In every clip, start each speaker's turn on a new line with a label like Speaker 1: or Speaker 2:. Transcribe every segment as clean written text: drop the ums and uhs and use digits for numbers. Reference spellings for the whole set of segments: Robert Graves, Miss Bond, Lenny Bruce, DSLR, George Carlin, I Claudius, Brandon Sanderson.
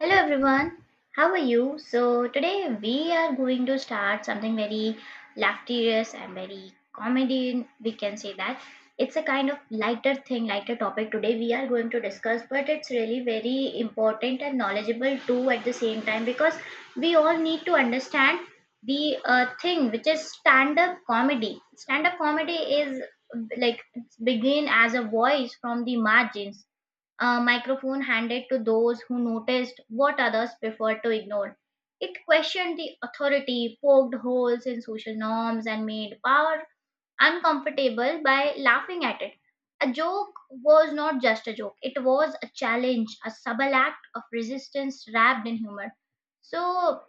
Speaker 1: Hello everyone, how are you? So today we are going to start something very laughterous and very comedy. We can say that it's a kind of lighter thing, lighter topic today we are going to discuss, but it's really very important and knowledgeable too at the same time because we all need to understand the thing which is stand up comedy. Stand up comedy is like it's begin as a voice from the margins, a microphone handed to those who noticed what others preferred to ignore. It questioned the authority, poked holes in social norms, and made power uncomfortable by laughing at it. A joke was not just a joke, it was a challenge, a subtle act of resistance wrapped in humor. So,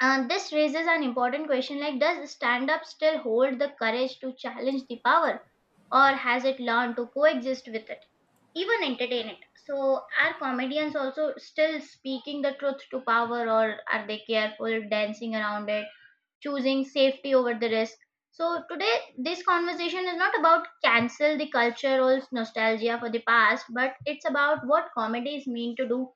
Speaker 1: uh, this raises an important question like, does stand up still hold the courage to challenge the power, or has it learned to coexist with it? Even entertain it? So are comedians also still speaking the truth to power, or are they careful dancing around it, choosing safety over the risk? So today this conversation is not about cancel the cultural nostalgia for the past, but it's about what comedies mean to do,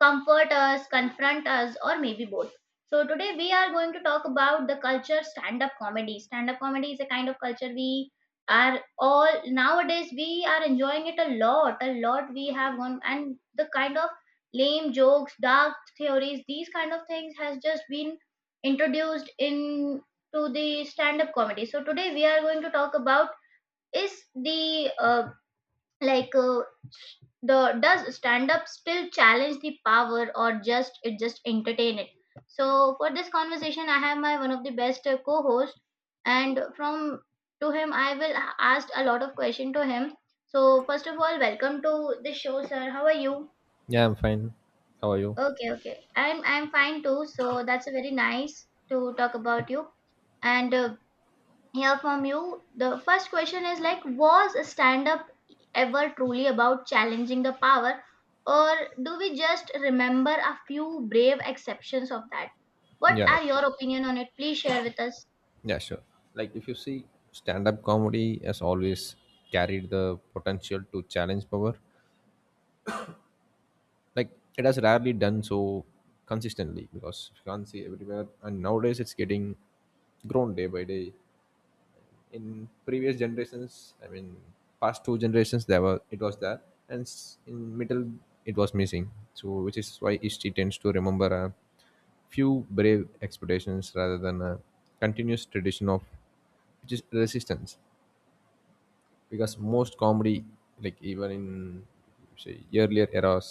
Speaker 1: comfort us, confront us, or maybe both. So today we are going to talk about the culture stand-up comedy. Stand-up comedy is a kind of culture we are all nowadays we are enjoying it a lot. A lot we have gone and the kind of lame jokes, dark theories, these kind of things has just been introduced into the stand-up comedy. So today we are going to talk about is the like the does stand-up still challenge the power or just it just entertain it? So for this conversation, I have my one of the best co-host, and from to him I will ask a lot of question to him. So first of all, welcome to the show, sir. How are you?
Speaker 2: Yeah, I'm fine. How are you?
Speaker 1: Okay, okay. I'm fine too. So that's a very nice to talk about you. And hear from you. The first question is like, was stand up ever truly about challenging the power, or do we just remember a few brave exceptions of that? What
Speaker 2: Yeah,
Speaker 1: are your opinion on it? Please share with us.
Speaker 2: yeah, sure. Like if you see, stand-up comedy has always carried the potential to challenge power. Like it has rarely done so consistently because you can't see everywhere, and nowadays it's getting grown day by day. In previous generations, I mean past two generations, there were it was there, and in middle it was missing, so which is why history tends to remember a few brave expeditions rather than a continuous tradition of, which is resistance, because most comedy, like even in say earlier eras,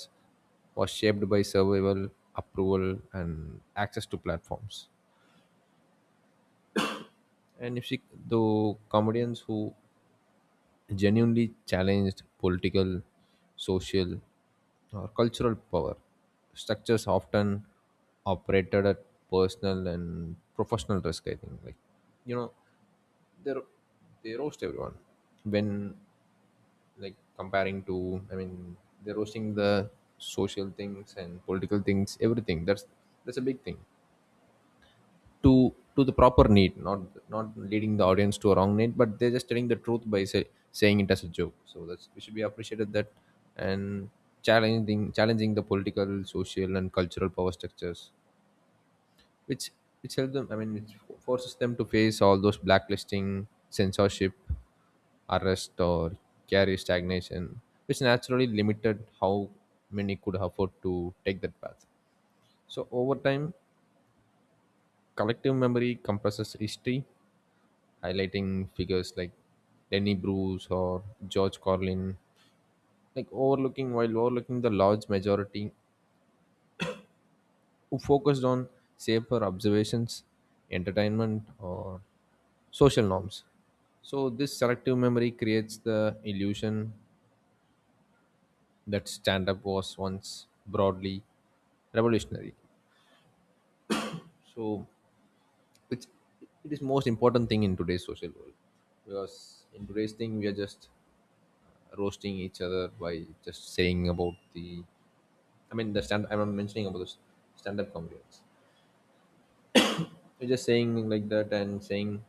Speaker 2: was shaped by survival, approval, and access to platforms. And if she, the comedians who genuinely challenged political, social, or cultural power structures often operated at personal and professional risk, I think. Like, you know, they they roast everyone. When, like comparing to, I mean, they're roasting the social things and political things, everything. That's a big thing to the proper need, not leading the audience to a wrong need, but they're just telling the truth by saying it as a joke. So that's, we should be appreciated that. And challenging the political, social, and cultural power structures, which which help them, I mean, which forces them to face all those blacklisting, censorship, arrest, or career stagnation, which naturally limited how many could afford to take that path. So over time, collective memory compresses history, highlighting figures like Lenny Bruce or George Carlin, like overlooking, while overlooking the large majority who focused on safer observations, entertainment, or social norms. So this selective memory creates the illusion that stand-up was once broadly revolutionary. So which, it is most important thing in today's social world, because in today's thing we are just roasting each other by just saying about the, I mean the stand I'm not mentioning about the stand up comedians. We're just saying like that, and saying,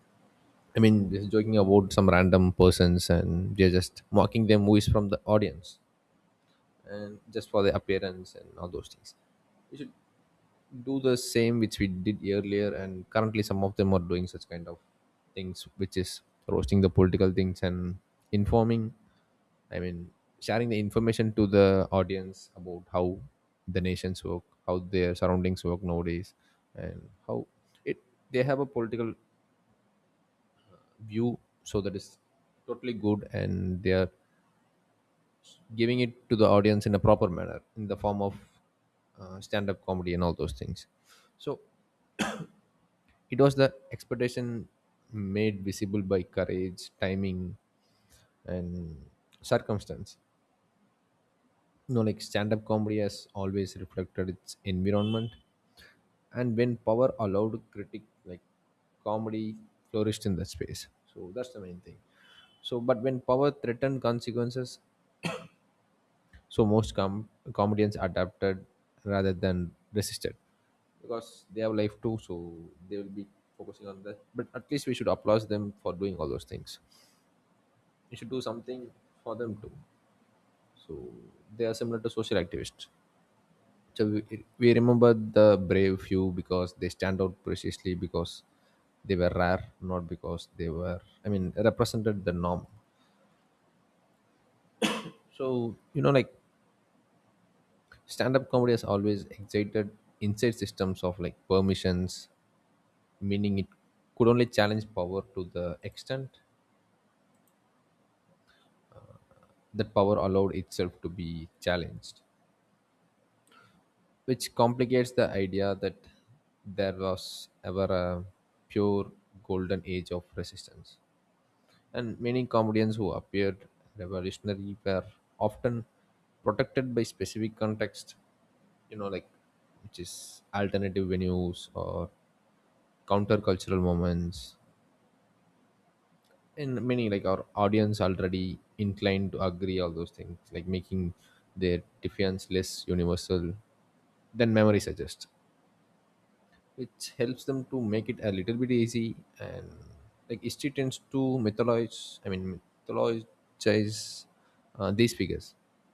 Speaker 2: I mean, just joking about some random persons and they're just mocking them who is from the audience, and just for their appearance and all those things. We should do the same which we did earlier, and currently some of them are doing such kind of things, which is roasting the political things and informing, I mean, sharing the information to the audience about how the nations work, how their surroundings work nowadays, and how it they have a political view. So that is totally good, and they are giving it to the audience in a proper manner in the form of stand-up comedy and all those things. So it was the expectation made visible by courage, timing, and circumstance. You know, like stand up comedy has always reflected its environment, and when power allowed critic, like comedy flourished in that space. So that's the main thing. So, but when power threatened consequences, so most comedians adapted rather than resisted, because they have life too, so they will be focusing on that. But at least we should applaud them for doing all those things. We should do something for them too. So they are similar to social activists. So we remember the brave few because they stand out precisely because they were rare, not because they, were I mean, represented the norm. So you know, like stand-up comedy has always excited inside systems of like permissions, meaning it could only challenge power to the extent that power allowed itself to be challenged, which complicates the idea that there was ever a pure golden age of resistance. And many comedians who appeared revolutionary were often protected by specific context, you know, like which is alternative venues or countercultural moments, and many, like our audience already inclined to agree all those things, like making their defiance less universal than memory suggests, which helps them to make it a little bit easy. And like history tends to mythologize these figures,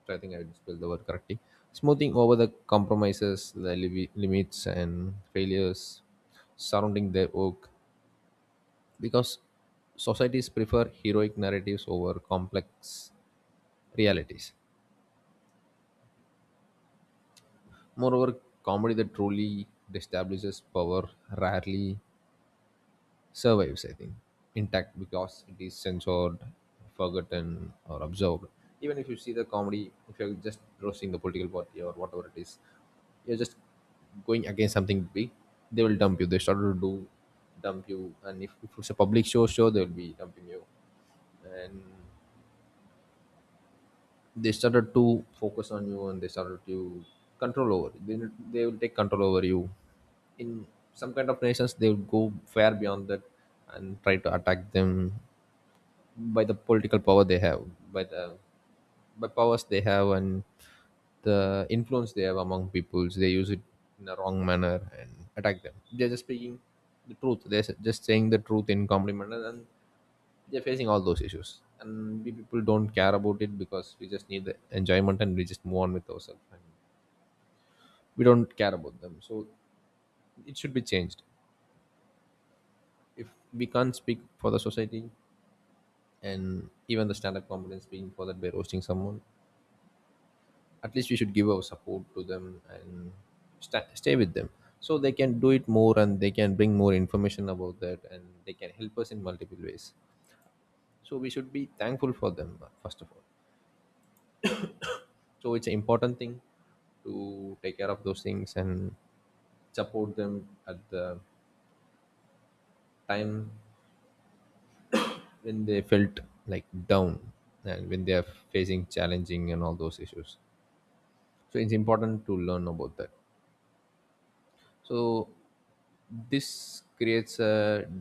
Speaker 2: so I think I would spell the word correctly, smoothing over the compromises, the limits and failures surrounding their work, because societies prefer heroic narratives over complex realities. Moreover, comedy that truly establishes power rarely survives, I think, intact, because it is censored, forgotten, or absorbed. Even if you see the comedy, if you're just roasting the political party or whatever it is, you're just going against something big, they will dump you. They started to do, dump you, and if it's a public show they'll be dumping you. And they started to focus on you and they started to control over they will take control over you. In some kind of nations, they will go far beyond that and try to attack them by the political power they have, by the, by powers they have, and the influence they have among peoples. They use it in a wrong manner and attack them. They're just speaking the truth. They're just saying the truth in compliment, and they're facing all those issues. And we people don't care about it, because we just need the enjoyment and we just move on with ourselves. And we don't care about them. So it should be changed. If we can't speak for the society, and even the standard comedy is being for that by roasting someone, at least we should give our support to them and stay with them, so they can do it more and they can bring more information about that and they can help us in multiple ways. So we should be thankful for them, first of all. So it's an important thing to take care of those things and support them at the time when they felt like down, and when they are facing challenging and all those issues. So it's important to learn about that. So this creates a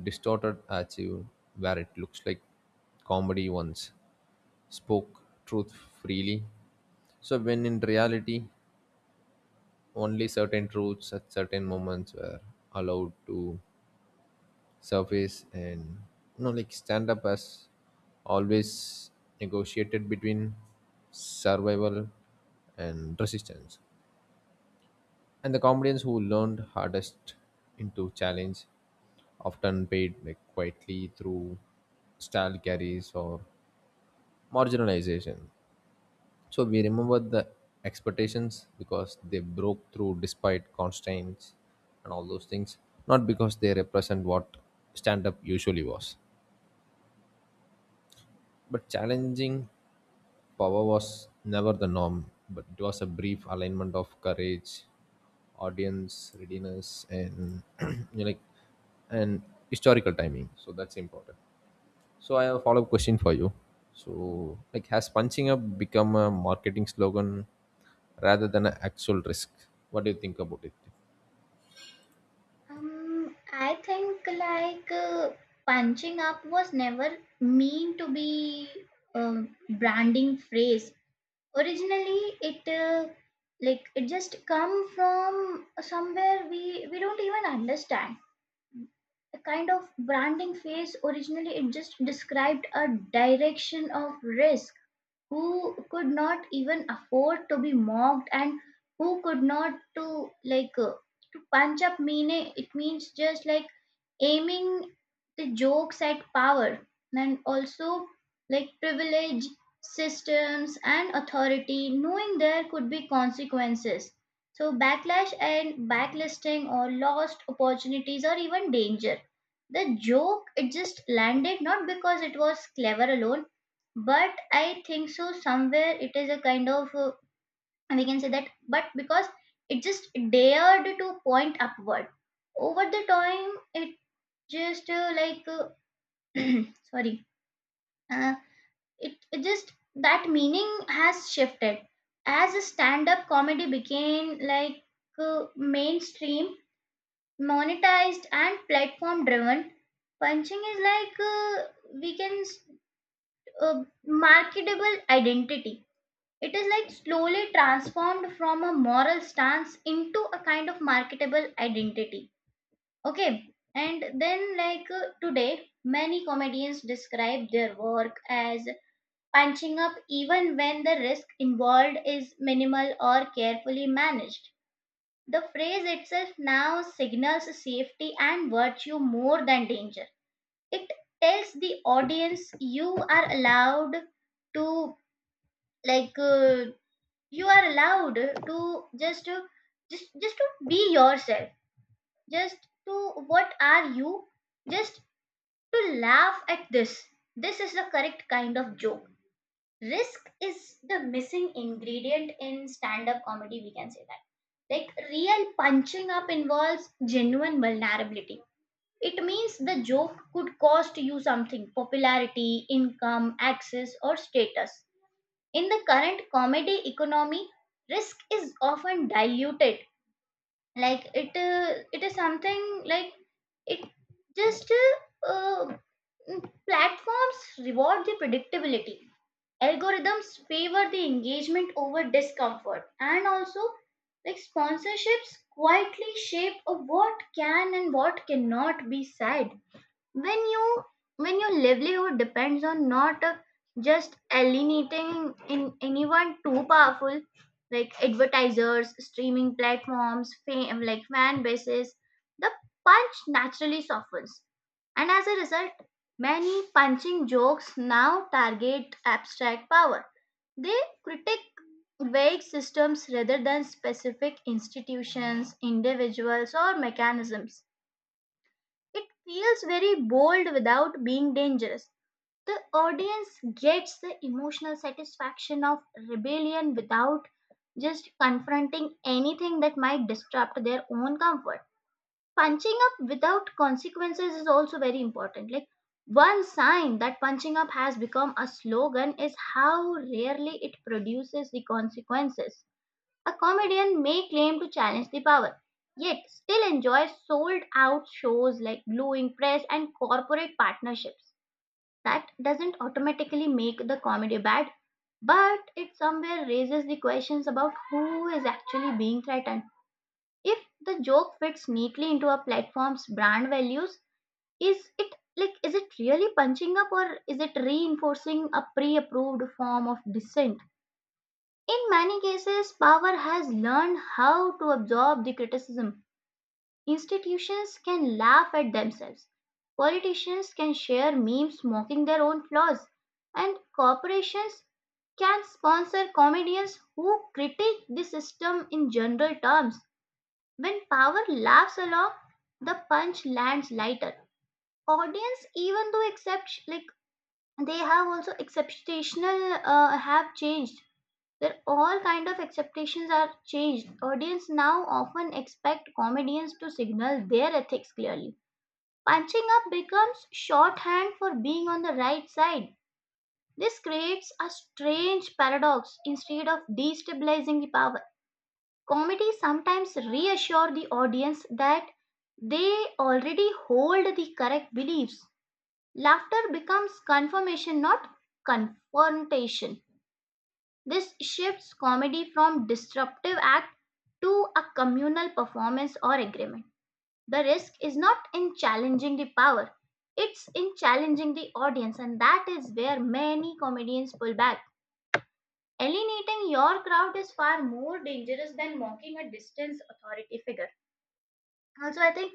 Speaker 2: distorted achieve, where it looks like comedy once spoke truth freely. So when in reality, only certain truths at certain moments were allowed to surface. And you know, like stand up as always negotiated between survival and resistance. And the comedians who learned hardest into challenge often paid, like, quietly through style carries or marginalization. So we remember the expectations because they broke through despite constraints and all those things, not because they represent what stand up usually was. But challenging power was never the norm, but it was a brief alignment of courage, audience readiness, and you know, like and historical timing. So that's important. So I have a follow-up question for you. So like, has punching up become a marketing slogan rather than an actual risk? What do you think about it?
Speaker 1: I think punching up was never mean to be a branding phrase. Originally, it just come from somewhere we don't even understand a kind of branding phase, originally it just described a direction of risk, who could not even afford to be mocked and who could not to like uh, to punch up, meaning it means just like aiming the jokes at power and also like privilege systems and authority, knowing there could be consequences, so backlash and backlisting or lost opportunities or even danger. The joke it just landed not because it was clever alone, but I think so somewhere it is a kind of we can say that, but because it just dared to point upward. Over the time it just sorry uh, it, it just that meaning has shifted as stand-up comedy became like mainstream, monetized and platform driven. Punching is like we can s- marketable identity. It is like slowly transformed from a moral stance into a kind of marketable identity. Okay, and then today, many comedians describe their work as punching up even when the risk involved is minimal or carefully managed. The phrase itself now signals safety and virtue more than danger. It tells the audience you are allowed to like uh, you are allowed to just to be yourself. Just to what are you? Just to laugh at this. This is the correct kind of joke. Risk is the missing ingredient in stand up comedy, we can say that. Like, real punching up involves genuine vulnerability. It means the joke could cost you something, popularity, income, access, or status. In the current comedy economy, risk is often diluted, like it it is something like it just uh, uh, mm, platforms reward the predictability, algorithms favor the engagement over discomfort, and also like sponsorships quietly shape of what can and what cannot be said. When you when your livelihood depends on not just alienating in anyone too powerful, like advertisers, streaming platforms, fame like fan bases, the punch naturally softens. And as a result, many punching jokes now target abstract power, they critique vague systems rather than specific institutions, individuals or mechanisms. It feels very bold without being dangerous. The audience gets the emotional satisfaction of rebellion without just confronting anything that might disrupt their own comfort. Punching up without consequences is also very important. Like one sign that punching up has become a slogan is how rarely it produces the consequences. A comedian may claim to challenge the power, yet still enjoys sold out shows, like gluing press and corporate partnerships. That doesn't automatically make the comedy bad, but it somewhere raises the questions about who is actually being threatened. If the joke fits neatly into a platform's brand values, is it like is it really punching up, or is it reinforcing a pre-approved form of dissent? In many cases, power has learned how to absorb the criticism. Institutions can laugh at themselves. Politicians can share memes mocking their own flaws. And corporations can sponsor comedians who critique the system in general terms. When power laughs along, the punch lands lighter. Audience, even though except like they have also exceptional have changed where all kind of expectations are changed. Audience now often expect comedians to signal their ethics clearly. Punching up becomes shorthand for being on the right side. This creates a strange paradox, instead of destabilizing the power. Comedy sometimes reassures the audience that they already hold the correct beliefs. Laughter becomes confirmation, not confrontation. This shifts comedy from disruptive act to a communal performance or agreement. The risk is not in challenging the power, it's in challenging the audience, and that is where many comedians pull back. Alienating your crowd is far more dangerous than mocking a distant authority figure. Also, I think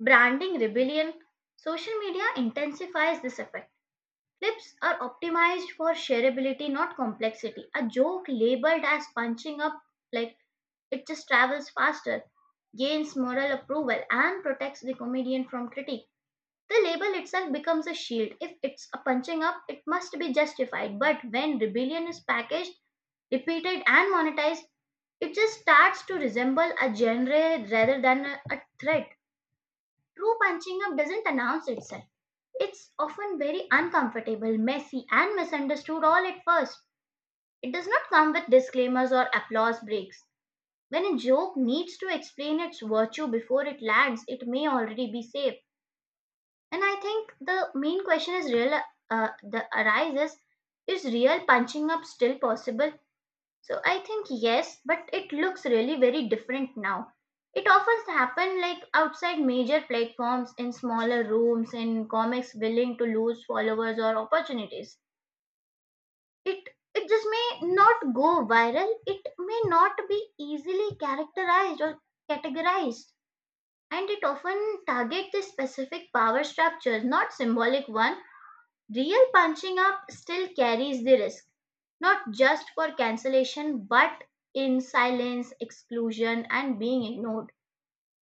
Speaker 1: branding rebellion, social media intensifies this effect. Clips are optimized for shareability, not complexity. A joke labeled as punching up, like it just travels faster, gains moral approval, and protects the comedian from critique. The label itself becomes a shield. If it's a punching up, it must be justified. But when rebellion is packaged, repeated, and monetized, it just starts to resemble a genre rather than a threat. True punching up doesn't announce itself. It's often very uncomfortable, messy, and misunderstood all at first. It does not come with disclaimers or applause breaks. When a joke needs to explain its virtue before it lands, it may already be safe. And I think the main question is real the arises is real punching up still possible? So I think yes, but it looks really very different now. It often happens like outside major platforms, in smaller rooms, in comics willing to lose followers or opportunities. It it just may not go viral. It may not be easily characterized or categorized. And it often targets the specific power structures, not symbolic one. Real punching up still carries the risk, not just for cancellation, but in silence, exclusion, and being ignored.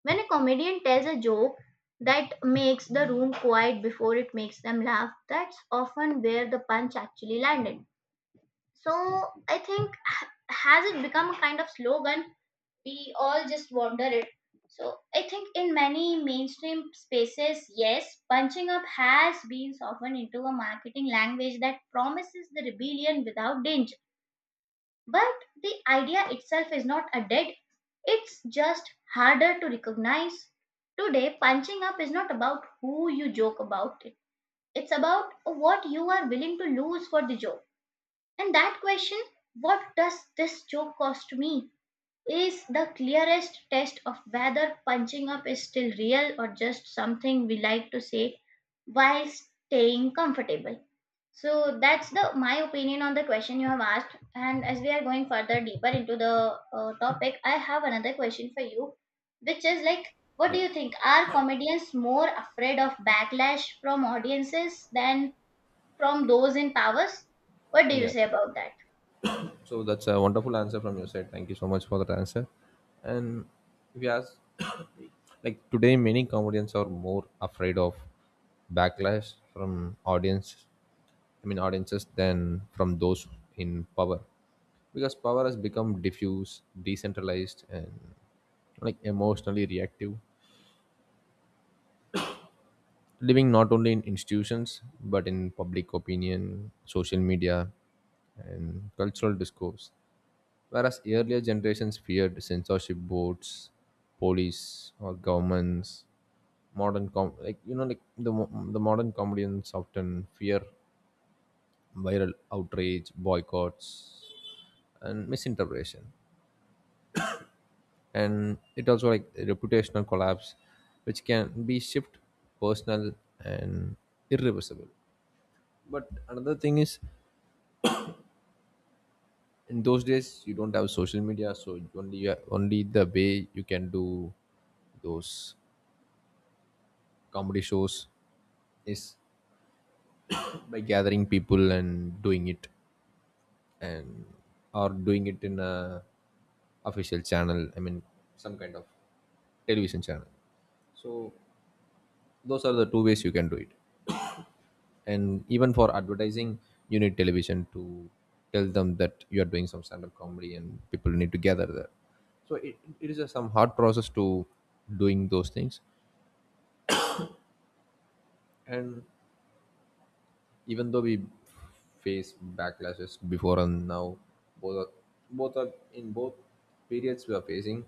Speaker 1: When a comedian tells a joke that makes the room quiet before it makes them laugh, that's often where the punch actually landed. So I think has it become a kind of slogan we all just wander it. So I think in many mainstream spaces, yes, punching up has been softened into a marketing language that promises the rebellion without danger. But the idea itself is not a dead, it's just harder to recognize. Today, punching up is not about who you joke about it. It's about what you are willing to lose for the joke. And that question, what does this joke cost me? Is the clearest test of whether punching up is still real or just something we like to say while staying comfortable. So that's the my opinion on the question you have asked. And as we are going further deeper into the topic, I have another question for you, which is like, what do
Speaker 2: Yeah.
Speaker 1: you think? Are comedians more afraid of backlash from audiences than from those in powers? What do you
Speaker 2: Yeah.
Speaker 1: say about that?
Speaker 2: So that's a wonderful answer from your side. Thank you so much for that answer. And if you ask, like today, many comedians are more afraid of backlash from audience, I mean, audiences, than from those in power, because power has become diffuse, decentralized, and like emotionally reactive, living not only in institutions but in public opinion, social media, and cultural discourse. Whereas earlier generations feared censorship boards, police, or governments, modern com, like you know, like the modern comedians often fear viral outrage, boycotts, and misinterpretation, and it also like reputational collapse, which can be shift personal and irreversible. But another thing is, in those days you don't have social media, so only the way you can do those comedy shows is by gathering people and doing it, and or doing it in a official channel, I mean, some kind of television channel. So those are the two ways you can do it. And even for advertising, you need television to tell them that you are doing some stand-up comedy and people need to gather there. So it is a some hard process to doing those things. And even though we face backlashes before and now, both are, both are in both periods we are facing.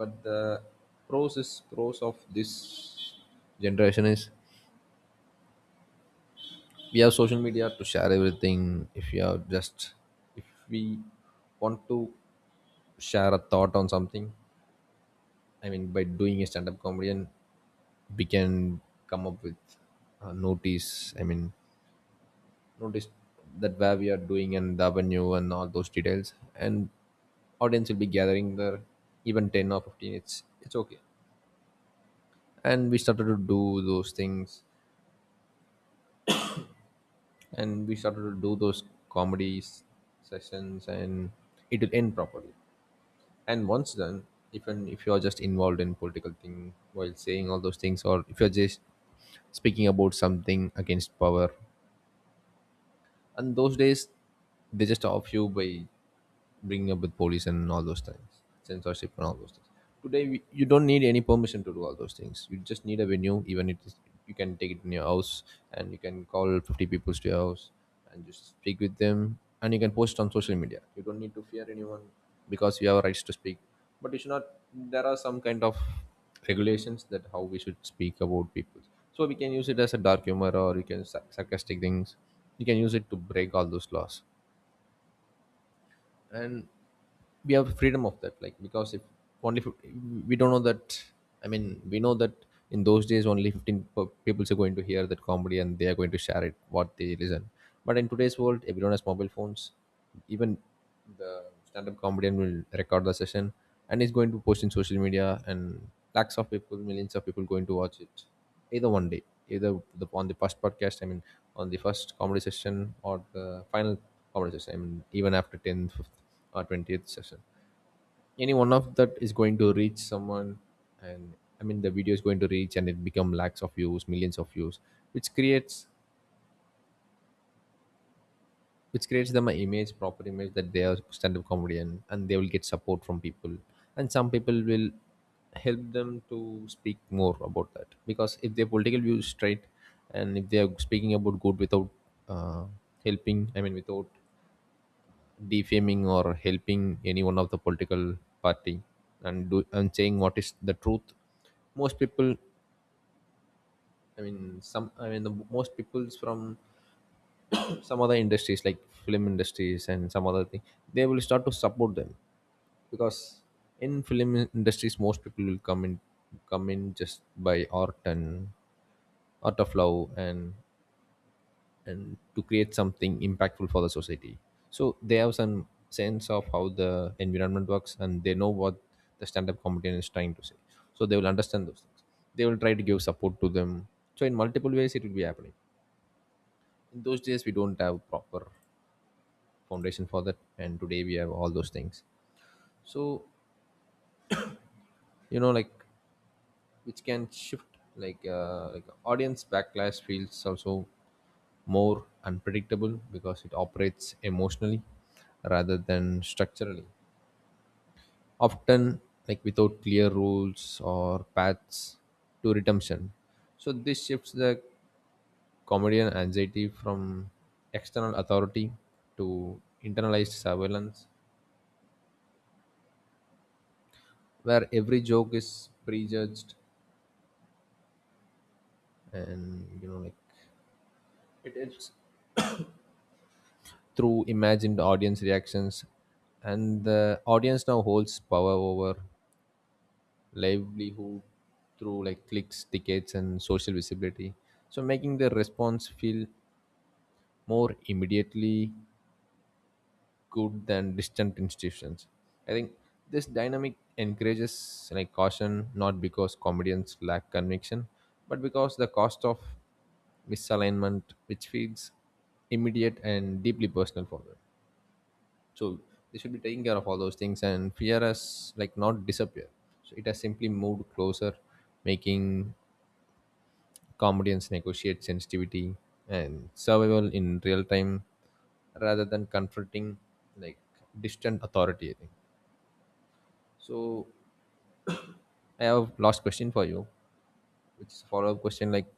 Speaker 2: But the pros of this generation is, we have social media to share everything. If you are just, if we want to share a thought on something, I mean, by doing a stand-up comedian, we can come up with a notice I mean notice that where we are doing and the avenue and all those details, and audience will be gathering there, even 10 or 15, it's okay. And we started to do those things, and we started to do those comedies sessions, and it will end properly. And once done, even if you are just involved in political thing while saying all those things, or if you're just speaking about something against power. And those days, they just off you by bringing up with police and all those things, censorship and all those things. Today, we, you don't need any permission to do all those things. You just need a venue, even it is, you can take it in your house and you can call 50 people to your house and just speak with them, and you can post on social media. You don't need to fear anyone because you have rights to speak. But you should not, there are some kind of regulations that how we should speak about people, so we can use it as a dark humor, or you can sarcastic things, you can use it to break all those laws. And we have freedom of that, like, because if only fif- we don't know that, I mean, we know that in those days only 15 people are going to hear that comedy and they are going to share it what they listen. But in today's world everyone has mobile phones. Even the stand-up comedian will record the session and is going to post in social media, and lakhs of people, millions of people going to watch it, either one day, either on the first podcast, I mean on the first comedy session, or the final comedy session, I mean even after 10th or 20th session, any one of that is going to reach someone. And I mean the video is going to reach and it become lakhs of views, millions of views, which creates, which creates them an image, proper image, that they are stand-up comedian, and they will get support from people. And some people will help them to speak more about that, because if their political view is straight, and if they are speaking about good without uh, helping, I mean without defaming or helping any one of the political party, and do and saying what is the truth, most people, I mean some, I mean the most people's from some other industries like film industries and some other thing, they will start to support them. Because in film industries most people will come in, come in just by art, and art of love, and to create something impactful for the society. So they have some sense of how the environment works, and they know what the stand-up comedian is trying to say, so they will understand those things, they will try to give support to them. So in multiple ways it will be happening. In those days we don't have proper foundation for that, and today we have all those things. So, you know, like, which can shift, like, like audience backlash feels also more unpredictable because it operates emotionally rather than structurally, often, like without clear rules or paths to redemption. So this shifts the comedian anxiety from external authority to internalized surveillance, where every joke is prejudged, and, you know, like, it helps through imagined audience reactions. And the audience now holds power over livelihood through like clicks, tickets, and social visibility, so making their response feel more immediately good than distant institutions. I think this dynamic encourages like caution, not because comedians lack conviction, but because the cost of misalignment, which feels immediate and deeply personal for them. So they should be taking care of all those things, and fear has like not disappeared, so it has simply moved closer, making comedians negotiate sensitivity and survival in real time rather than confronting like distant authority, I think. So I have last question for you, which is a follow-up question, like,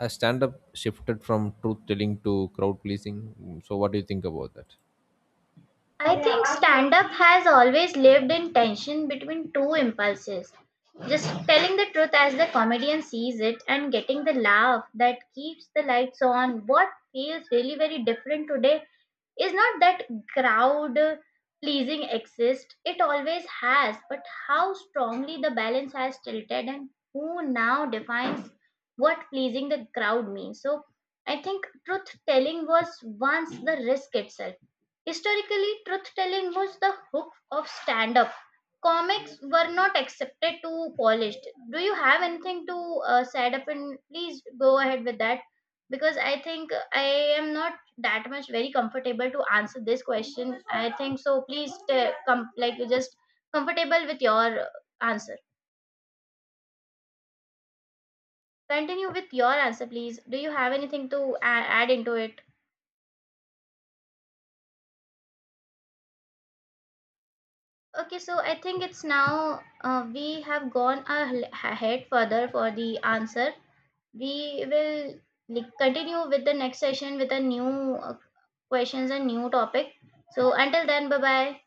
Speaker 2: has stand-up shifted from truth telling to crowd pleasing? Mm, so what do you think about that?
Speaker 1: I think stand up has always lived in tension between two impulses. Just telling the truth as the comedian sees it, and getting the laugh that keeps the lights on. What feels really very different today is not that crowd pleasing exist? It always has, but how strongly the balance has tilted and who now defines what pleasing the crowd means. So I think truth telling was once the risk itself. Historically truth telling was the hook of stand up. Comics were not accepted to polished. Do you have anything to set up and please go ahead with that, because I think I am not that much very comfortable to answer this question. I think so. Please come like you just comfortable with your answer. Continue with your answer, please. Do you have anything to add into it? Okay, so I think it's now we have gone ahead further for the answer. We will like, continue with the next session with a new questions and new topic. So until then, bye bye.